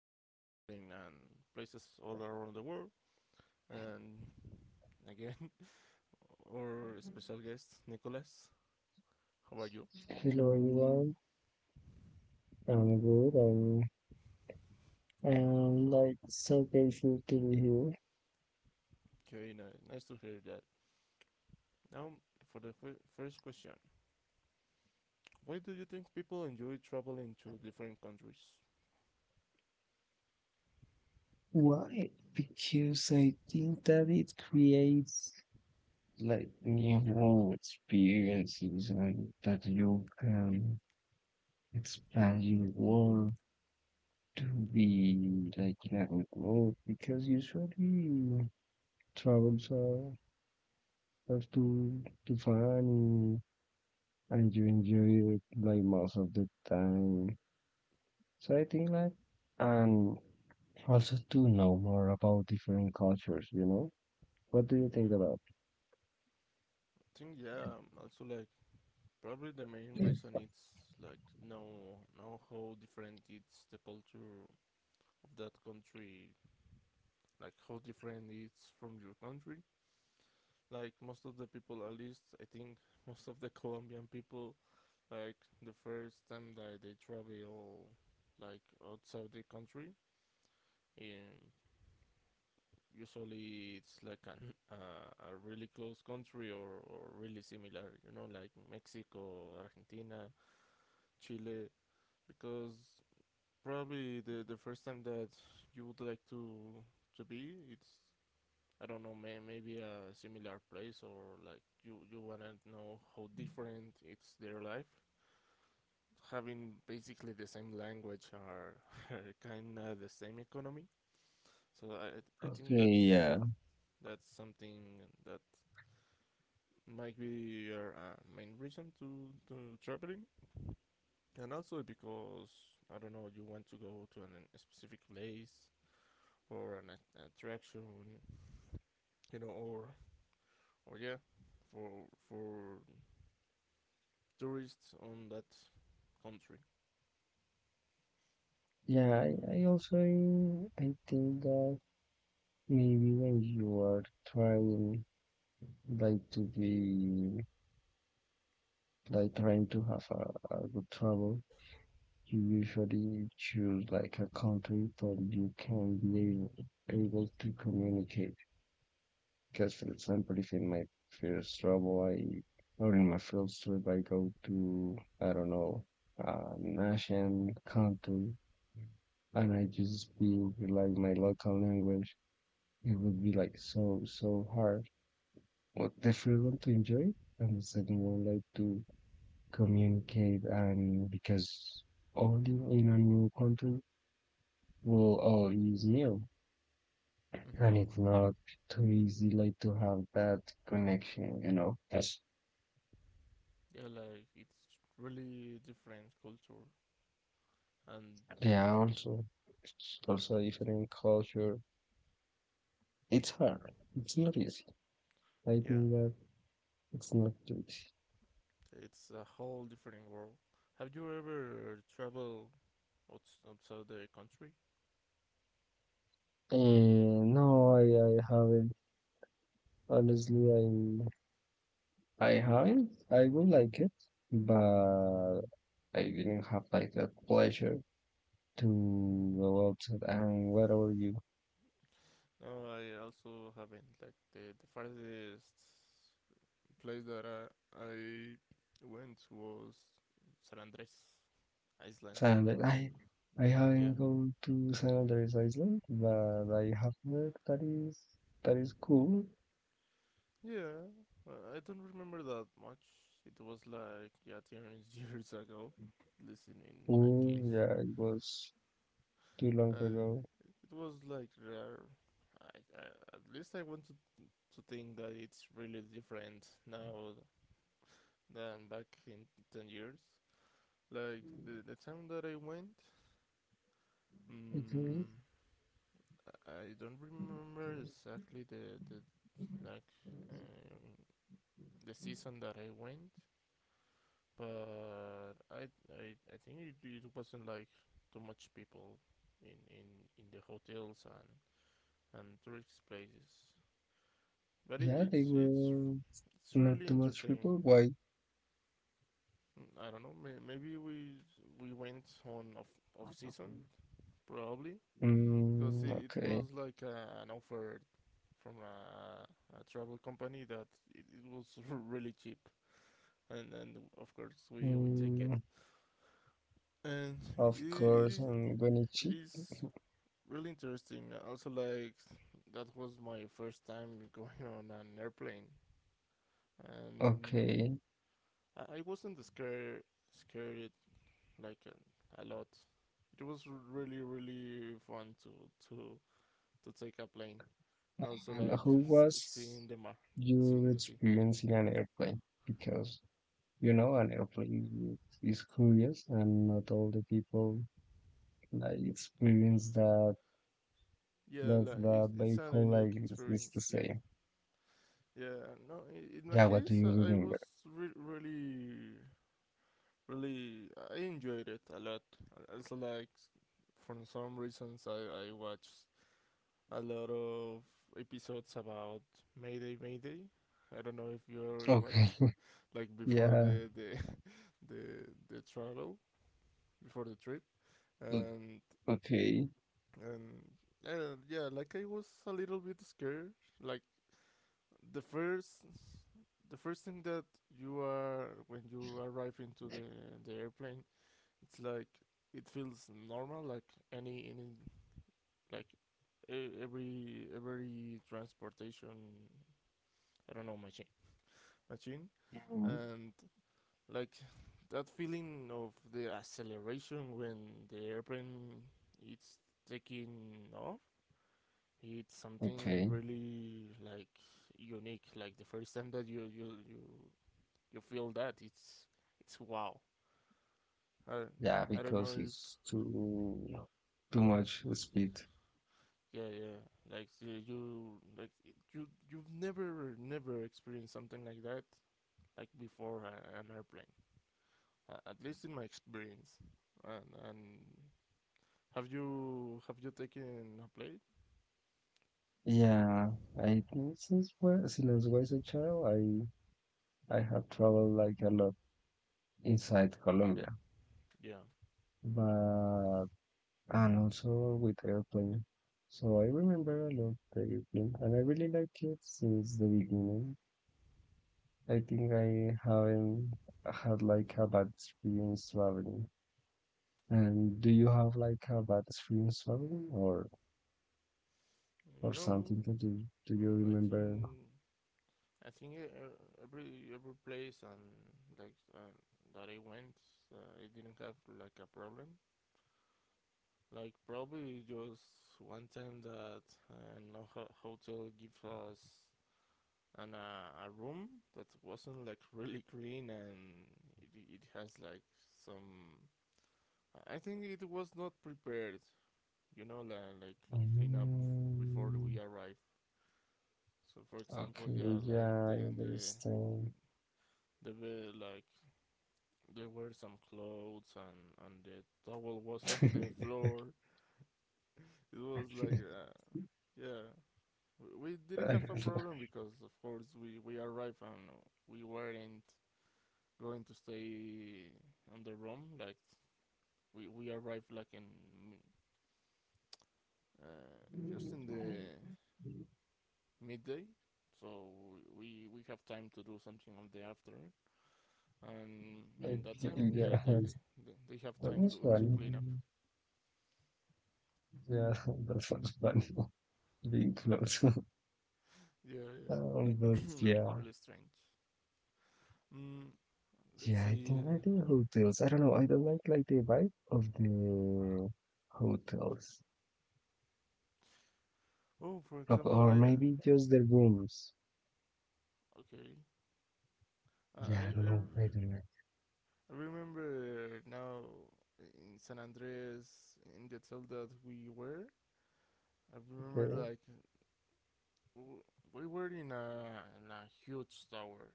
know traveling and places all around the world. And again, our special guest Nicholas, how are you? Hello everyone, I'm good and I am like so grateful to be here. Okay, nice, nice to hear that. Now, for the first question, why do you think people enjoy traveling to different countries? Why? Because I think that it creates like new experiences and that you can expand your world to be like level growth because usually travels are have to fun and you enjoy it like most of the time. So I think like, and also to know more about different cultures, you know? What do you Mm-hmm. think I about? think yeah, also like probably the main Yes. reason it's like know how different it's the culture of that country, like how different it's from your country. Like most of the people, at least I think most of the Colombian people, like the first time that they travel, like outside the country, in usually it's like a really close country or really similar, you know, like Mexico, Argentina, Chile, because probably the first time that you would like to be it's I don't know, may, maybe a similar place or like you wanna know how different it's their life. Having basically the same language are, are kind of the same economy. So I think Okay, that's yeah. Something that might be your main reason to traveling, and also because I don't know you want to go to a specific place or attraction, you know, or yeah, for tourists on that country. Yeah, Mm, I also I think that maybe when you are trying like to be like trying to have a good travel, you usually choose like a country that you can be able to communicate. Because, for example, if in my first trouble I, or in my first trip I go to, I don't know, nation country and I just speak like my local language, it would be like so hard. Well, the first one to enjoy and the second one like to communicate, and because only in a new country, well, all is new mm-hmm, and it's not too easy like to have that connection, you know. Yes. yeah, like it's really different culture and Yeah, also, it's also a different culture. It's hard. It's not easy. I yeah, think that it's not easy. yeah, it's a whole different world. Have you ever traveled outside the country? And no, I haven't. Honestly, I haven't. I would like it, but I didn't have like the pleasure to go outside and whatever you. No, I also haven't. Like the farthest place that I went was San Andres, Iceland. San Andres. I Yeah, haven't gone to San Andres Island, but I have heard that is cool. yeah, I don't remember that much. It was like yeah, 10 years ago, at least in my Oh case. yeah, it was too long Uh, ago. it was like rare. I, I, at least I want to think that it's really different now than back in 10 years. Like the time that I went, Mhm. um, I don't remember exactly the like uh, the season that I went, but I think it wasn't like too much people in, in, in the hotels and tourist places. But it, Yeah, they were it's not really too much entertaining. people. Why? Mm, I don't know. Maybe we went on off season probably because Mm, it was okay. like an offer from a travel company that it was really cheap, and of course we take it. Mm, And it, of it course, is on it Goenichi. is really interesting. Also, like that was my first time going on an airplane, and Okay. I wasn't scared like a lot. It was really really fun to to take a plane, and also And like who was seeing your seeing the sea. experience in an airplane? Because, you know, an airplane is curious and not all the people like experience that, Yeah, that like the it's an vehicle unique like is the experience. Yeah, same. yeah. No, in my Yeah, what do case, you I was remember? re- really really I enjoyed it a lot. Also, like for some reasons I watched a lot of episodes about Mayday. I don't know if you ever Okay. watched like before Yeah. the the, the travel before the trip o- and Okay. and yeah, like I was a little bit scared like the first the first thing that you are when you arrive into the airplane, it's like it feels normal like any like every transportation, I don't know, machine, Mhm. and like that feeling of the acceleration when the airplane it's taking off, it's something Okay. really like unique. Like the first time that you feel that it's wow. I, Yeah, I don't know because if it's too much speed. yeah, yeah, like you like you you've never experienced something like that like before an airplane. At least in my experience. And have you taken a plane? Yeah, I think since where since I was a child, I have traveled like a lot inside Colombia, Yeah. but and also with airplane. So I remember a lot the airplane, and I really like it since the beginning. I think I haven't had like a bad experience traveling. And do you have like a bad experience traveling, or No. something to do. Do you Mm, I remember? think I think uh, every place and like that I went, uh, I didn't have like a problem. Like probably just one time that no hotel gives us an a room that wasn't like really clean, and it has like some, I think it was not prepared, you know, like clean up before Mm, we arrive. So, for example, okay, yeah, like yeah, I the the understand. the bed, like there were some clothes and the towel was on the floor. It was like yeah, we didn't have a problem because of course we arrived and we weren't going to stay on the room. Like we arrived like in uh, just in the midday, so we have time to do something on the afternoon. And Like, in that time, yeah, yeah, they have that time was to funny. clean up. Yeah, that was funny. Being close. Yeah, yeah. Oh, but yeah, really strange. Mm, yeah, I think let's I do see. hotels. I don't know. I don't like the vibe of the hotels. Oh, for Of- example, or I maybe just the rooms. okay. I Yeah, I, I don't know. I don't like. I remember now in San Andres in the hotel that we were. I remember Okay. like we were in a huge tower.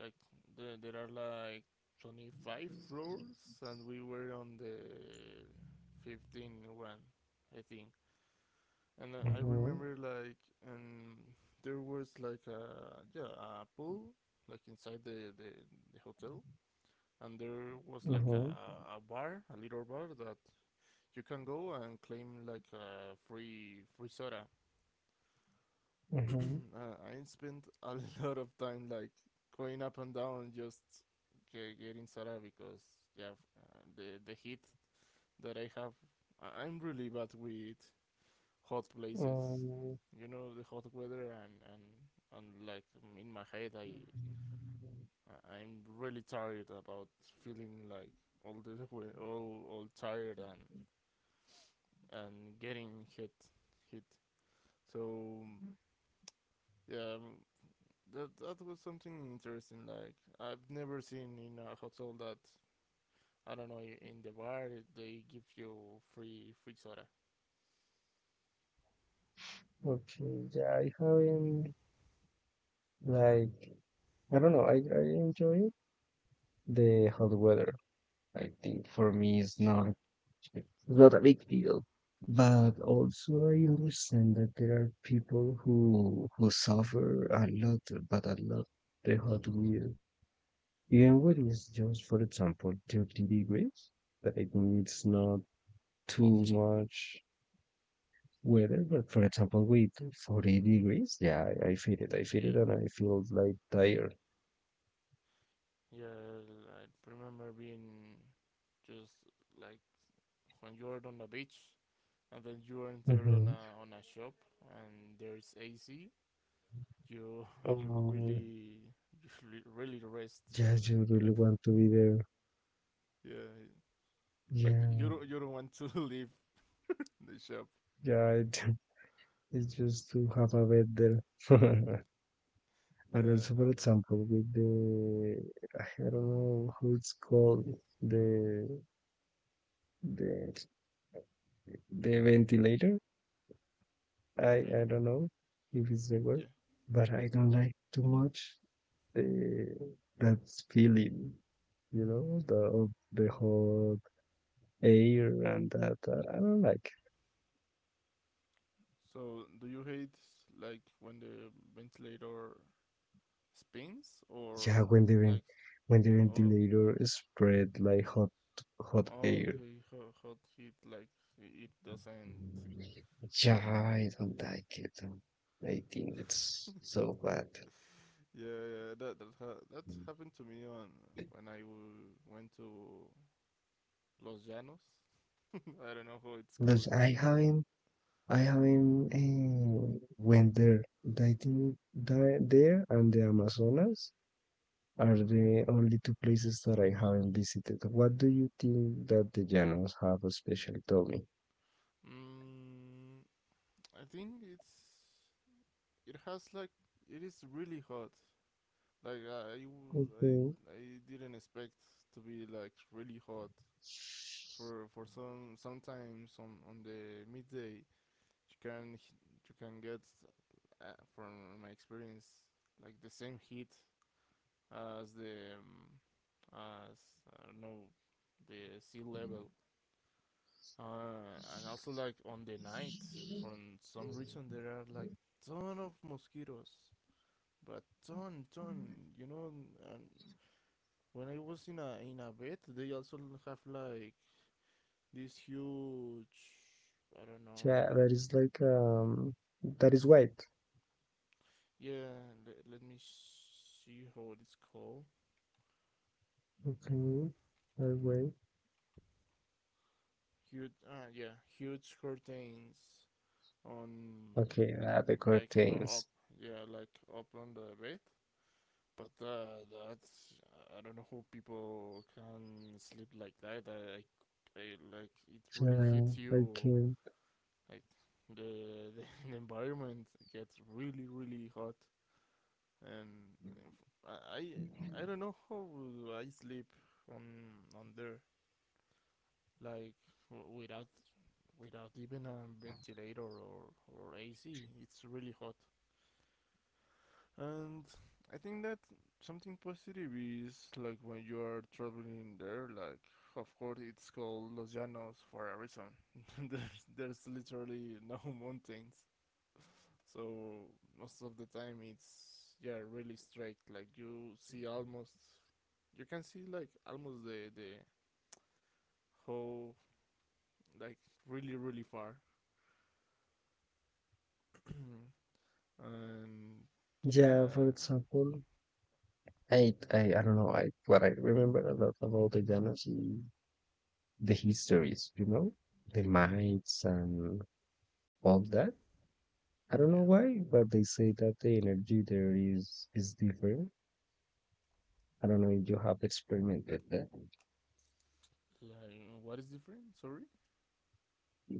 Like there are like 25 floors, and we were on the 15th one, I think. And I Mm-hmm. remember like um, there was like a yeah a pool like inside the hotel, and there was like Mm-hmm. A bar, a little bar that you can go and claim like a free soda. Mhm. Uh, I spent a lot of time like going up and down just getting Sara because yeah, the heat that I have, I am really bad with hot places. Um, You know, the hot weather and like in my head I- am really tired about feeling like all the all tired and getting hit. So yeah, that that was something interesting. Like I've never seen in a hotel that I don't know in the bar they give you free soda. okay, yeah, I haven't like, I don't know. I enjoy the hot weather. I think for me it's Yeah, not, it's not a big deal. But also I understand that there are people who suffer a lot, but a lot the hot weather. Even when it's just, for example, 30 degrees, that I think it's not too much weather, but for example, with 40 hmm, degrees, yeah, I feel it. I feel it yeah, and I feel like tired. yeah. I remember being just like when you're on the beach and then you enter Mm-hmm. On a shop and there's AC. You you Um, really you really rest. yeah, you You really know. want to be there. Yeah. Like Yeah, you don't want to leave the shop. yeah, it, it's just to have a bed there. And Yeah, also, I, for example, with I don't know how it's called, the, the, the ventilator. I, okay, I don't know if it's the word, yeah. but I don't like too much the, that feeling. You know, the of the hot air and that. I don't like. So do you hate like when the ventilator spins Yeah, or like when the yeah, oh, ventilator spread like hot oh air. okay, hot heat like it doesn't Yeah, I don't like it. I think it's so bad. yeah, yeah, that happened to me on when I went to Los Llanos. I don't know how it's called Because in I English. haven't, I haven't went there. I think there, there and the Amazonas are the only two places that I haven't visited. What do you think that the Llanos have special? Tell me. Mm, I think it's it has like it is really hot. Like Okay. I didn't expect to be like really hot. For some sometimes on the midday you can get from my experience like the same heat as the as I don't know the sea level. And also like on the night, for some reason there are like ton of mosquitoes, but ton. You know, and when I was in a vet, they also have like this huge, I don't know. Yeah, that is like, um, that is white. Yeah, let, let me see how it is called. Okay. That way. Huge, yeah, huge curtains on, Okay, the like up, curtains. yeah, like up on the bed. But that's I don't know how people can sleep like that. I like it really Yeah, hits I you can. like the, the the environment gets really really hot, and I I don't know how I sleep on on there like without even a ventilator or AC. It's really hot, and I think that something positive is like when you are traveling there. Like of course it's called Los Llanos for a reason. There's literally no mountains, so most of the time it's yeah really straight. Like you see almost you can see like almost the whole like really really far, and Yeah, for yeah, example, I don't know, I, what I remember a lot about the Llanos is the histories, you know? The hmm mites and all that. I don't know yeah. why, but they say that the energy there is different. I don't know if you have experimented that. Like what is different? Sorry.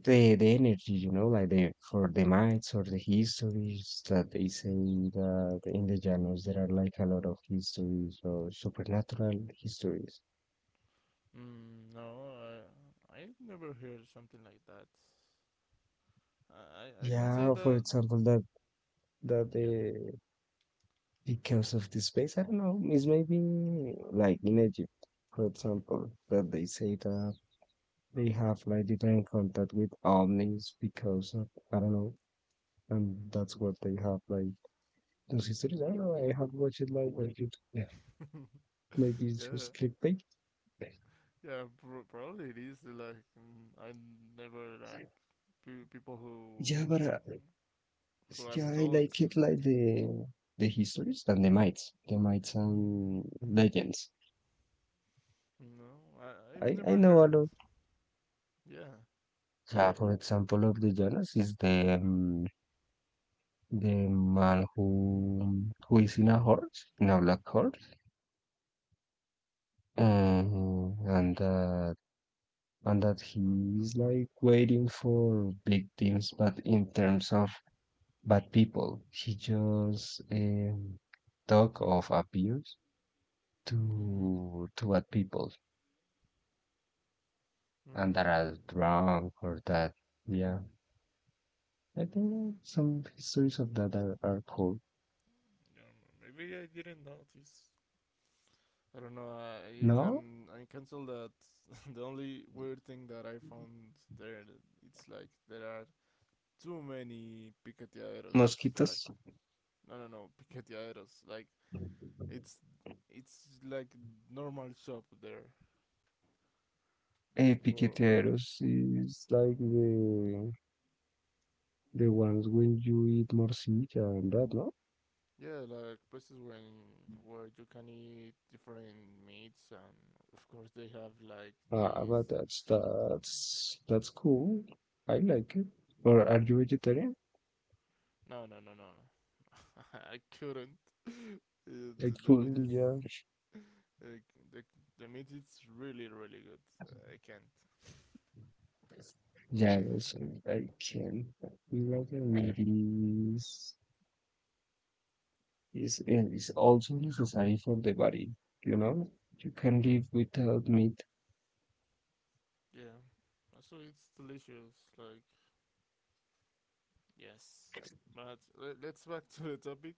The energy, you know, like the, for the myths or the histories that they say, that in the llanos there are like a lot of histories or supernatural histories. Mm, no, I never heard something like that. I can say Yeah, for that example, that that yeah, the because of the space, I don't know, is maybe like in Egypt, for example, that they say that they have like different contact with omnis because of, I don't know, and that's what they have like those histories. I don't know, I have watched it like on YouTube. Maybe it's yeah, just clickbait. yeah probably it is like mm, I never like people Yeah, but who have yeah, I talked. like it like the histories and the myths. The myths and legends. No, I I've I never know a heard. lot. Yeah. Yeah, for example, of the Jonas is the man who is in a horse, in a black horse, and and uh, and that he is like waiting for victims, but in terms of bad people, he just talk of abuse Mm-hmm. To bad people and that Mm, are drunk or that. Yeah, I think some histories of that are cool. I don't know. Maybe I didn't notice. I don't know. No, Can I cancel that? The only weird thing that I found there, it's like there are too many piqueteaderos. mosquitos. Like no, no, no piqueteaderos. Like it's it's like normal shop there Eh, for piqueteros is like the ones when you eat morcilla, and that. No, yeah like places when where you can eat different meats, and of course they have like ah ah, these but that's cool. I like it. Or are yeah you vegetarian? no, no, no, no, no. I couldn't. Like The meat food, is yeah. uh, the the meat is really really good. I can't. Yeah, I also I can, like is also necessary for the body. You know, you can Mm-hmm. live without meat. Yeah, so it's delicious. Like yes, but let, let's back to the topic.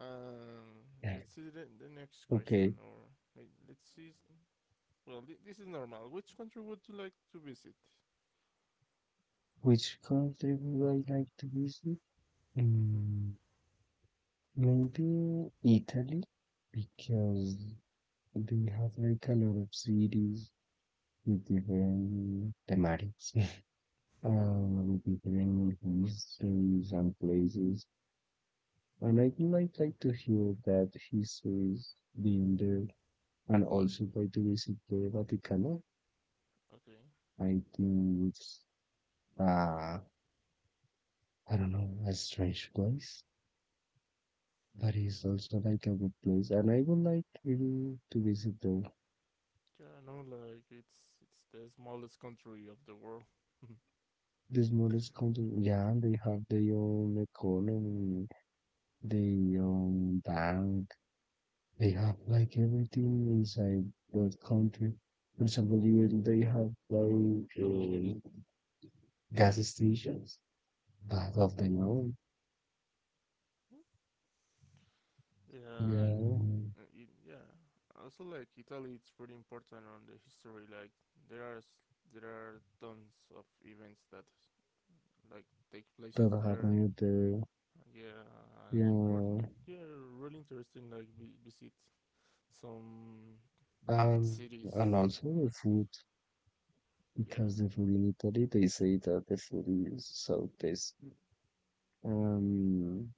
Um, let's see the next question, Okay, or like, let's see. Well, this is normal. Which country would you like to visit? which country would I like to visit? Mm-hmm. Mm, maybe Italy, because they have like a lot of cities with different thematics, different histories and places. And I would like to hear that histories being there, and also by to visit the Vatican. Okay. I think it's, I don't know, a strange place, but it's also like a good place. And I would like really to visit them. Yeah, I know. Like it's the smallest country of the world. These modest country, yeah, they have their own economy, their own bank. They have like everything inside that country. For example, even they have like gas stations, but of their own. Yeah, Yeah, yeah. Also, like Italy, it's really important on the history. Like there are s- there are tons of events that like take places that there. happened there. Yeah, and important. Yeah. Yeah, really interesting. Like visit some Um, cities. and also the food, Yeah, because the food in Italy, they say that the food is so tasty. Um,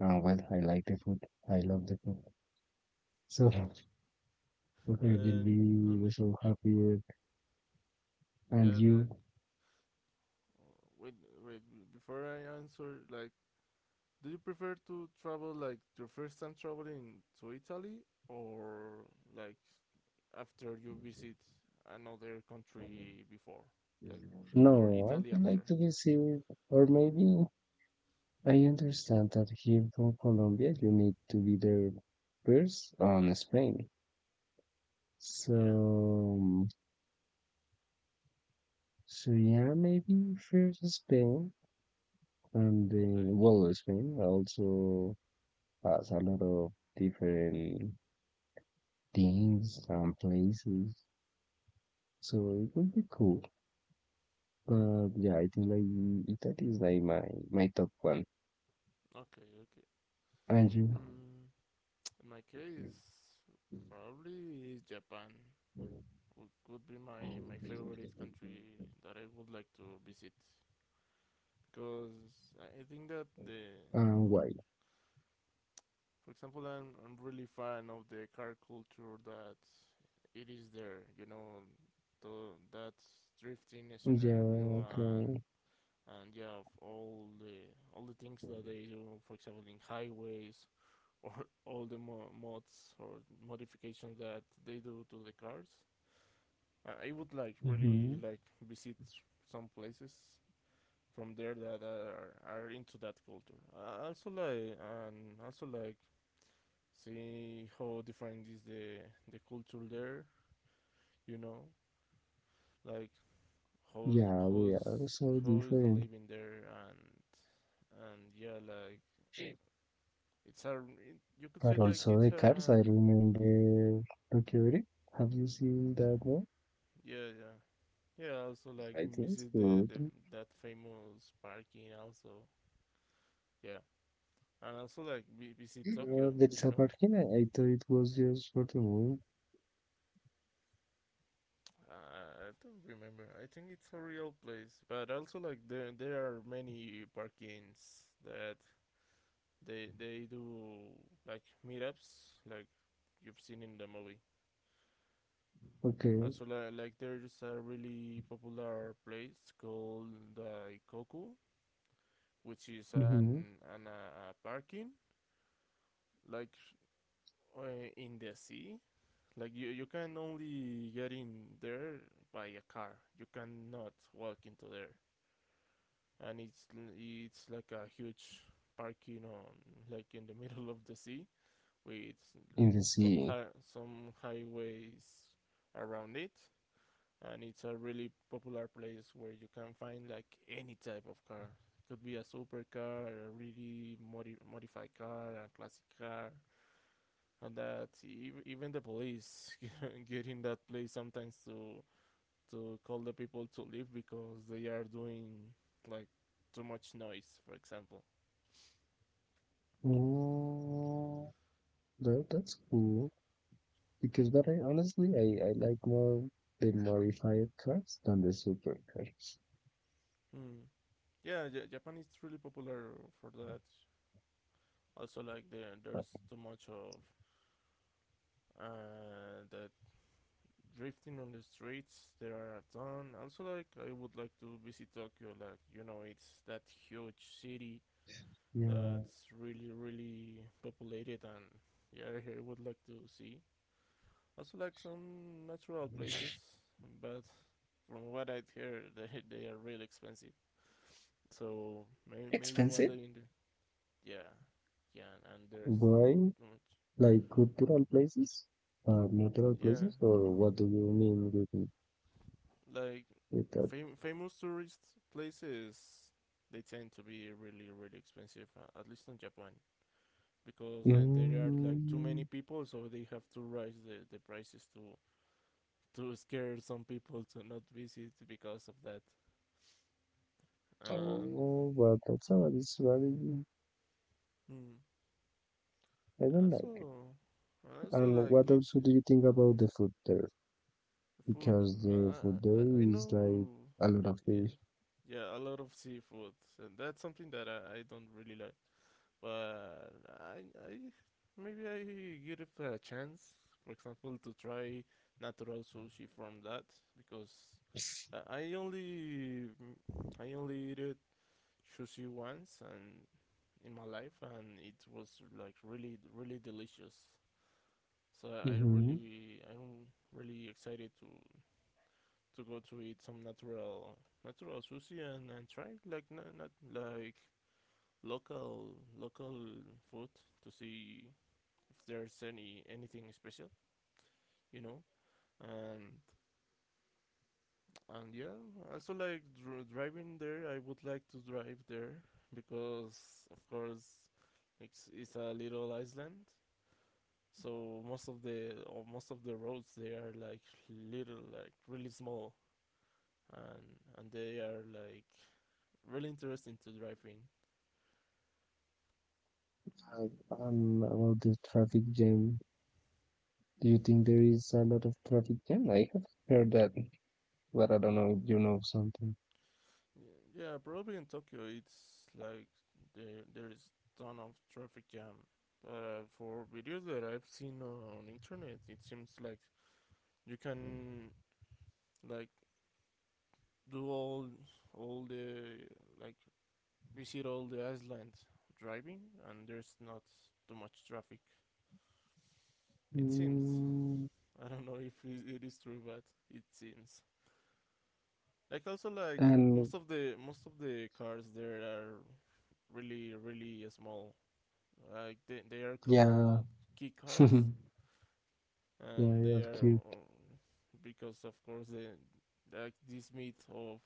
well, I like the food. I love the food. So, okay, will and be and we're so happy. And yeah, you? like uh, wait before I answer, like, do you prefer to travel like your first time traveling to Italy or like after you visit another country before, like, or No, I Italy would like after. to visit, or maybe I understand that here from Colombia, you need to be there first on Spain. Yeah. So, so yeah, maybe first Spain. And Okay. then, well, Spain also has a lot of different things and places, so it would be cool. Mm. But yeah, I think like it- that is like my top one. Okay. Okay. And you, Mm. In my case, probably Japan could be my favorite country that I would like to visit because I think that and why? for example, I'm really fan of the car culture that it is there. That drifting Yeah, scenario and okay. and yeah, of all the things that they do, for example, in highways or all the mods or modifications that they do to the cars. I would like really Hmm. like visit some places from there that are into that culture. I also like and also like see how different is the culture there. You know, like how's Yeah, we how's are so how's the different. living there and yeah like It's a you could say But like also it's the cars, I a remember Tokyo Drift. Have you seen that one? yeah yeah also like I think visit so. the that famous parking also yeah, and also like visit Tokyo. There is You a know, parking. I thought it was just for the movie. I don't remember, I think it's a real place, but also like there are many parkings that they do like meetups like you've seen in the movie. Okay. Also, like there's a really popular place called Daikoku, which is Mm-hmm. An parking like in the sea. Like you can only get in there by a car. You cannot walk into there, and it's like a huge parking on like in the middle of the sea with In the sea. Some highways around it, and it's a really popular place where you can find like any type of car. Could be a supercar, a really modified car, a classic car, and even the police get in that place sometimes to call the people to leave because they are doing like too much noise, for example. Oh, that, that's cool. Because, but I honestly, I like more the modified cars than the supercars. Hmm. Yeah, Japan is really popular for that. Also, like But there's too much of the drifting on the streets. There are a ton. Also, like I would like to visit Tokyo. Like you know, it's that huge city yeah, that's really really populated, and yeah, I would like to see. Also, like some natural places, but from what I'd hear, they are really expensive. So maybe one expensive? day in the yeah yeah, and there's Why? Like cultural places, natural yeah, places, or what do you mean like with that? Famous tourist places they tend to be really really expensive, at least in japan, because then there are like too many Mm. people, so they have to raise the prices to scare some people to not visit because of that. um Oh, but that's a valid strategy. hmm. I and don't like it. also also And like what else it's do you think about the food there? food. Because the food there I is like know. a lot of Yeah, fish. yeah, a lot of seafood, and that's something that I don't really like, but I, I maybe I give it a chance. For example, to try natural sushi from that. Because I only eat it sushi once and in my life, and it was like really really delicious. So Mm-hmm. I'm really excited to go to eat some natural sushi, and try like not like local local food to see there's anything special, you know. And and yeah, also like driving there. I would like to drive there because of course it's a little island. So most of the roads they are like little like really small, and and they are like really interesting to drive in. And and about the traffic jam, do you think there is a lot of traffic jam? I have heard that, but I don't know if you know something. Yeah, yeah, probably in Tokyo it's like there is ton of traffic jam. For videos that I've seen on internet, it seems like you can like do all the like visit all the islands driving, and there's not too much traffic. It seems. Mm. I don't know if it is true, but it seems. Like also like And most of the cars there are really really small. Like they are yeah, called key cards, and yeah, they of are cute. Because of course the like this meat of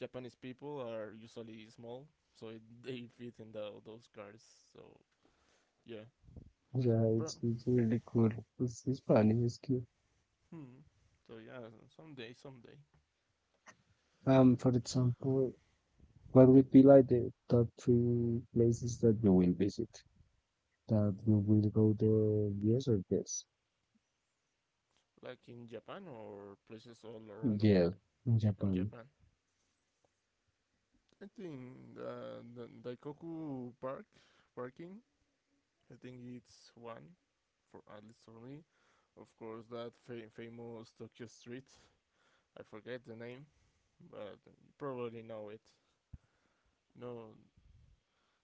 Japanese people are usually small, so it, they fit in those cards. So yeah, Yeah, bro. It's really cool. It's funny, it's cute. Hmm. So yeah, someday, For example, what would be like the top three places that you will visit? That you will go there, yes or yes? like in Japan, or places all around the Yeah, world? In Japan. Japan, I think the Daikoku Park parking, I think it's one, for at least for me. Of course, that famous Tokyo Street. I forget the name, but you probably know it. No,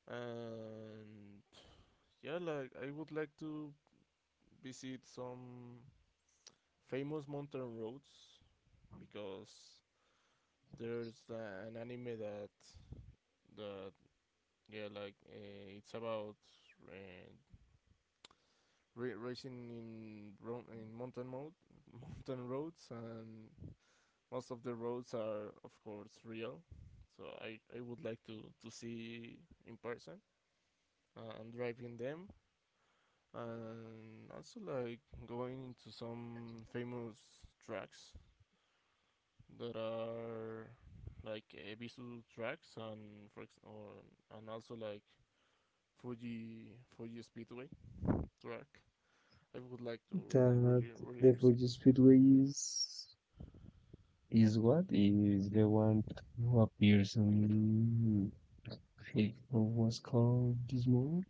and yeah, like I would like to visit some famous mountain roads because there's an anime that that yeah, like it's about uh, racing in in mountain mode, mountain roads, and most of the roads are of course real, so I would like to see in person, and driving them, and also like going into some famous tracks that are like Ebisu tracks, and also like Fuji Speedway track. I would like to That really really the visit. Fuji Speedway is is what is the one who appears on, it was called this movie?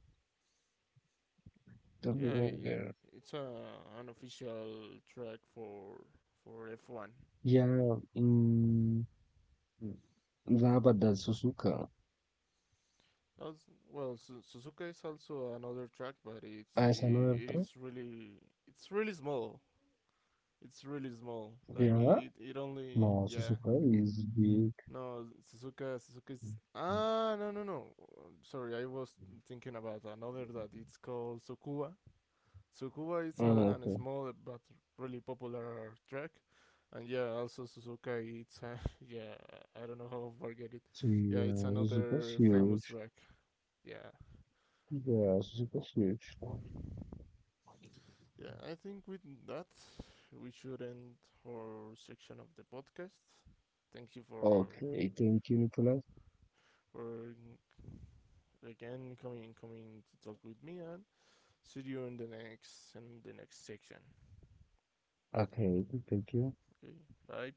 Don't Yeah, remember. it's a an official track for F1. Yeah, in yeah, but that's Suzuka. That's, well, Suzuka is also another track, but As another it track. is really it's really small. It's really small. Like Yeah. It only No, yeah. Suzuka is big. No, Suzuka is ah, no, no, no. Sorry, I was thinking about another that it's called Sukuba. Sukuba is Oh, a okay. small but really popular track, and yeah, also Suzuka. It's a, yeah, I don't know how I forget it. So Yeah, it's yeah, Suzuka's another famous huge. track. Yeah. Yeah, Suzuka's huge. Yeah, I think with that, we should end our section of the podcast. Thank you Okay, thank you, Nicola. for again coming to talk with me, and see you in the next section. Okay, thank you. Okay, bye.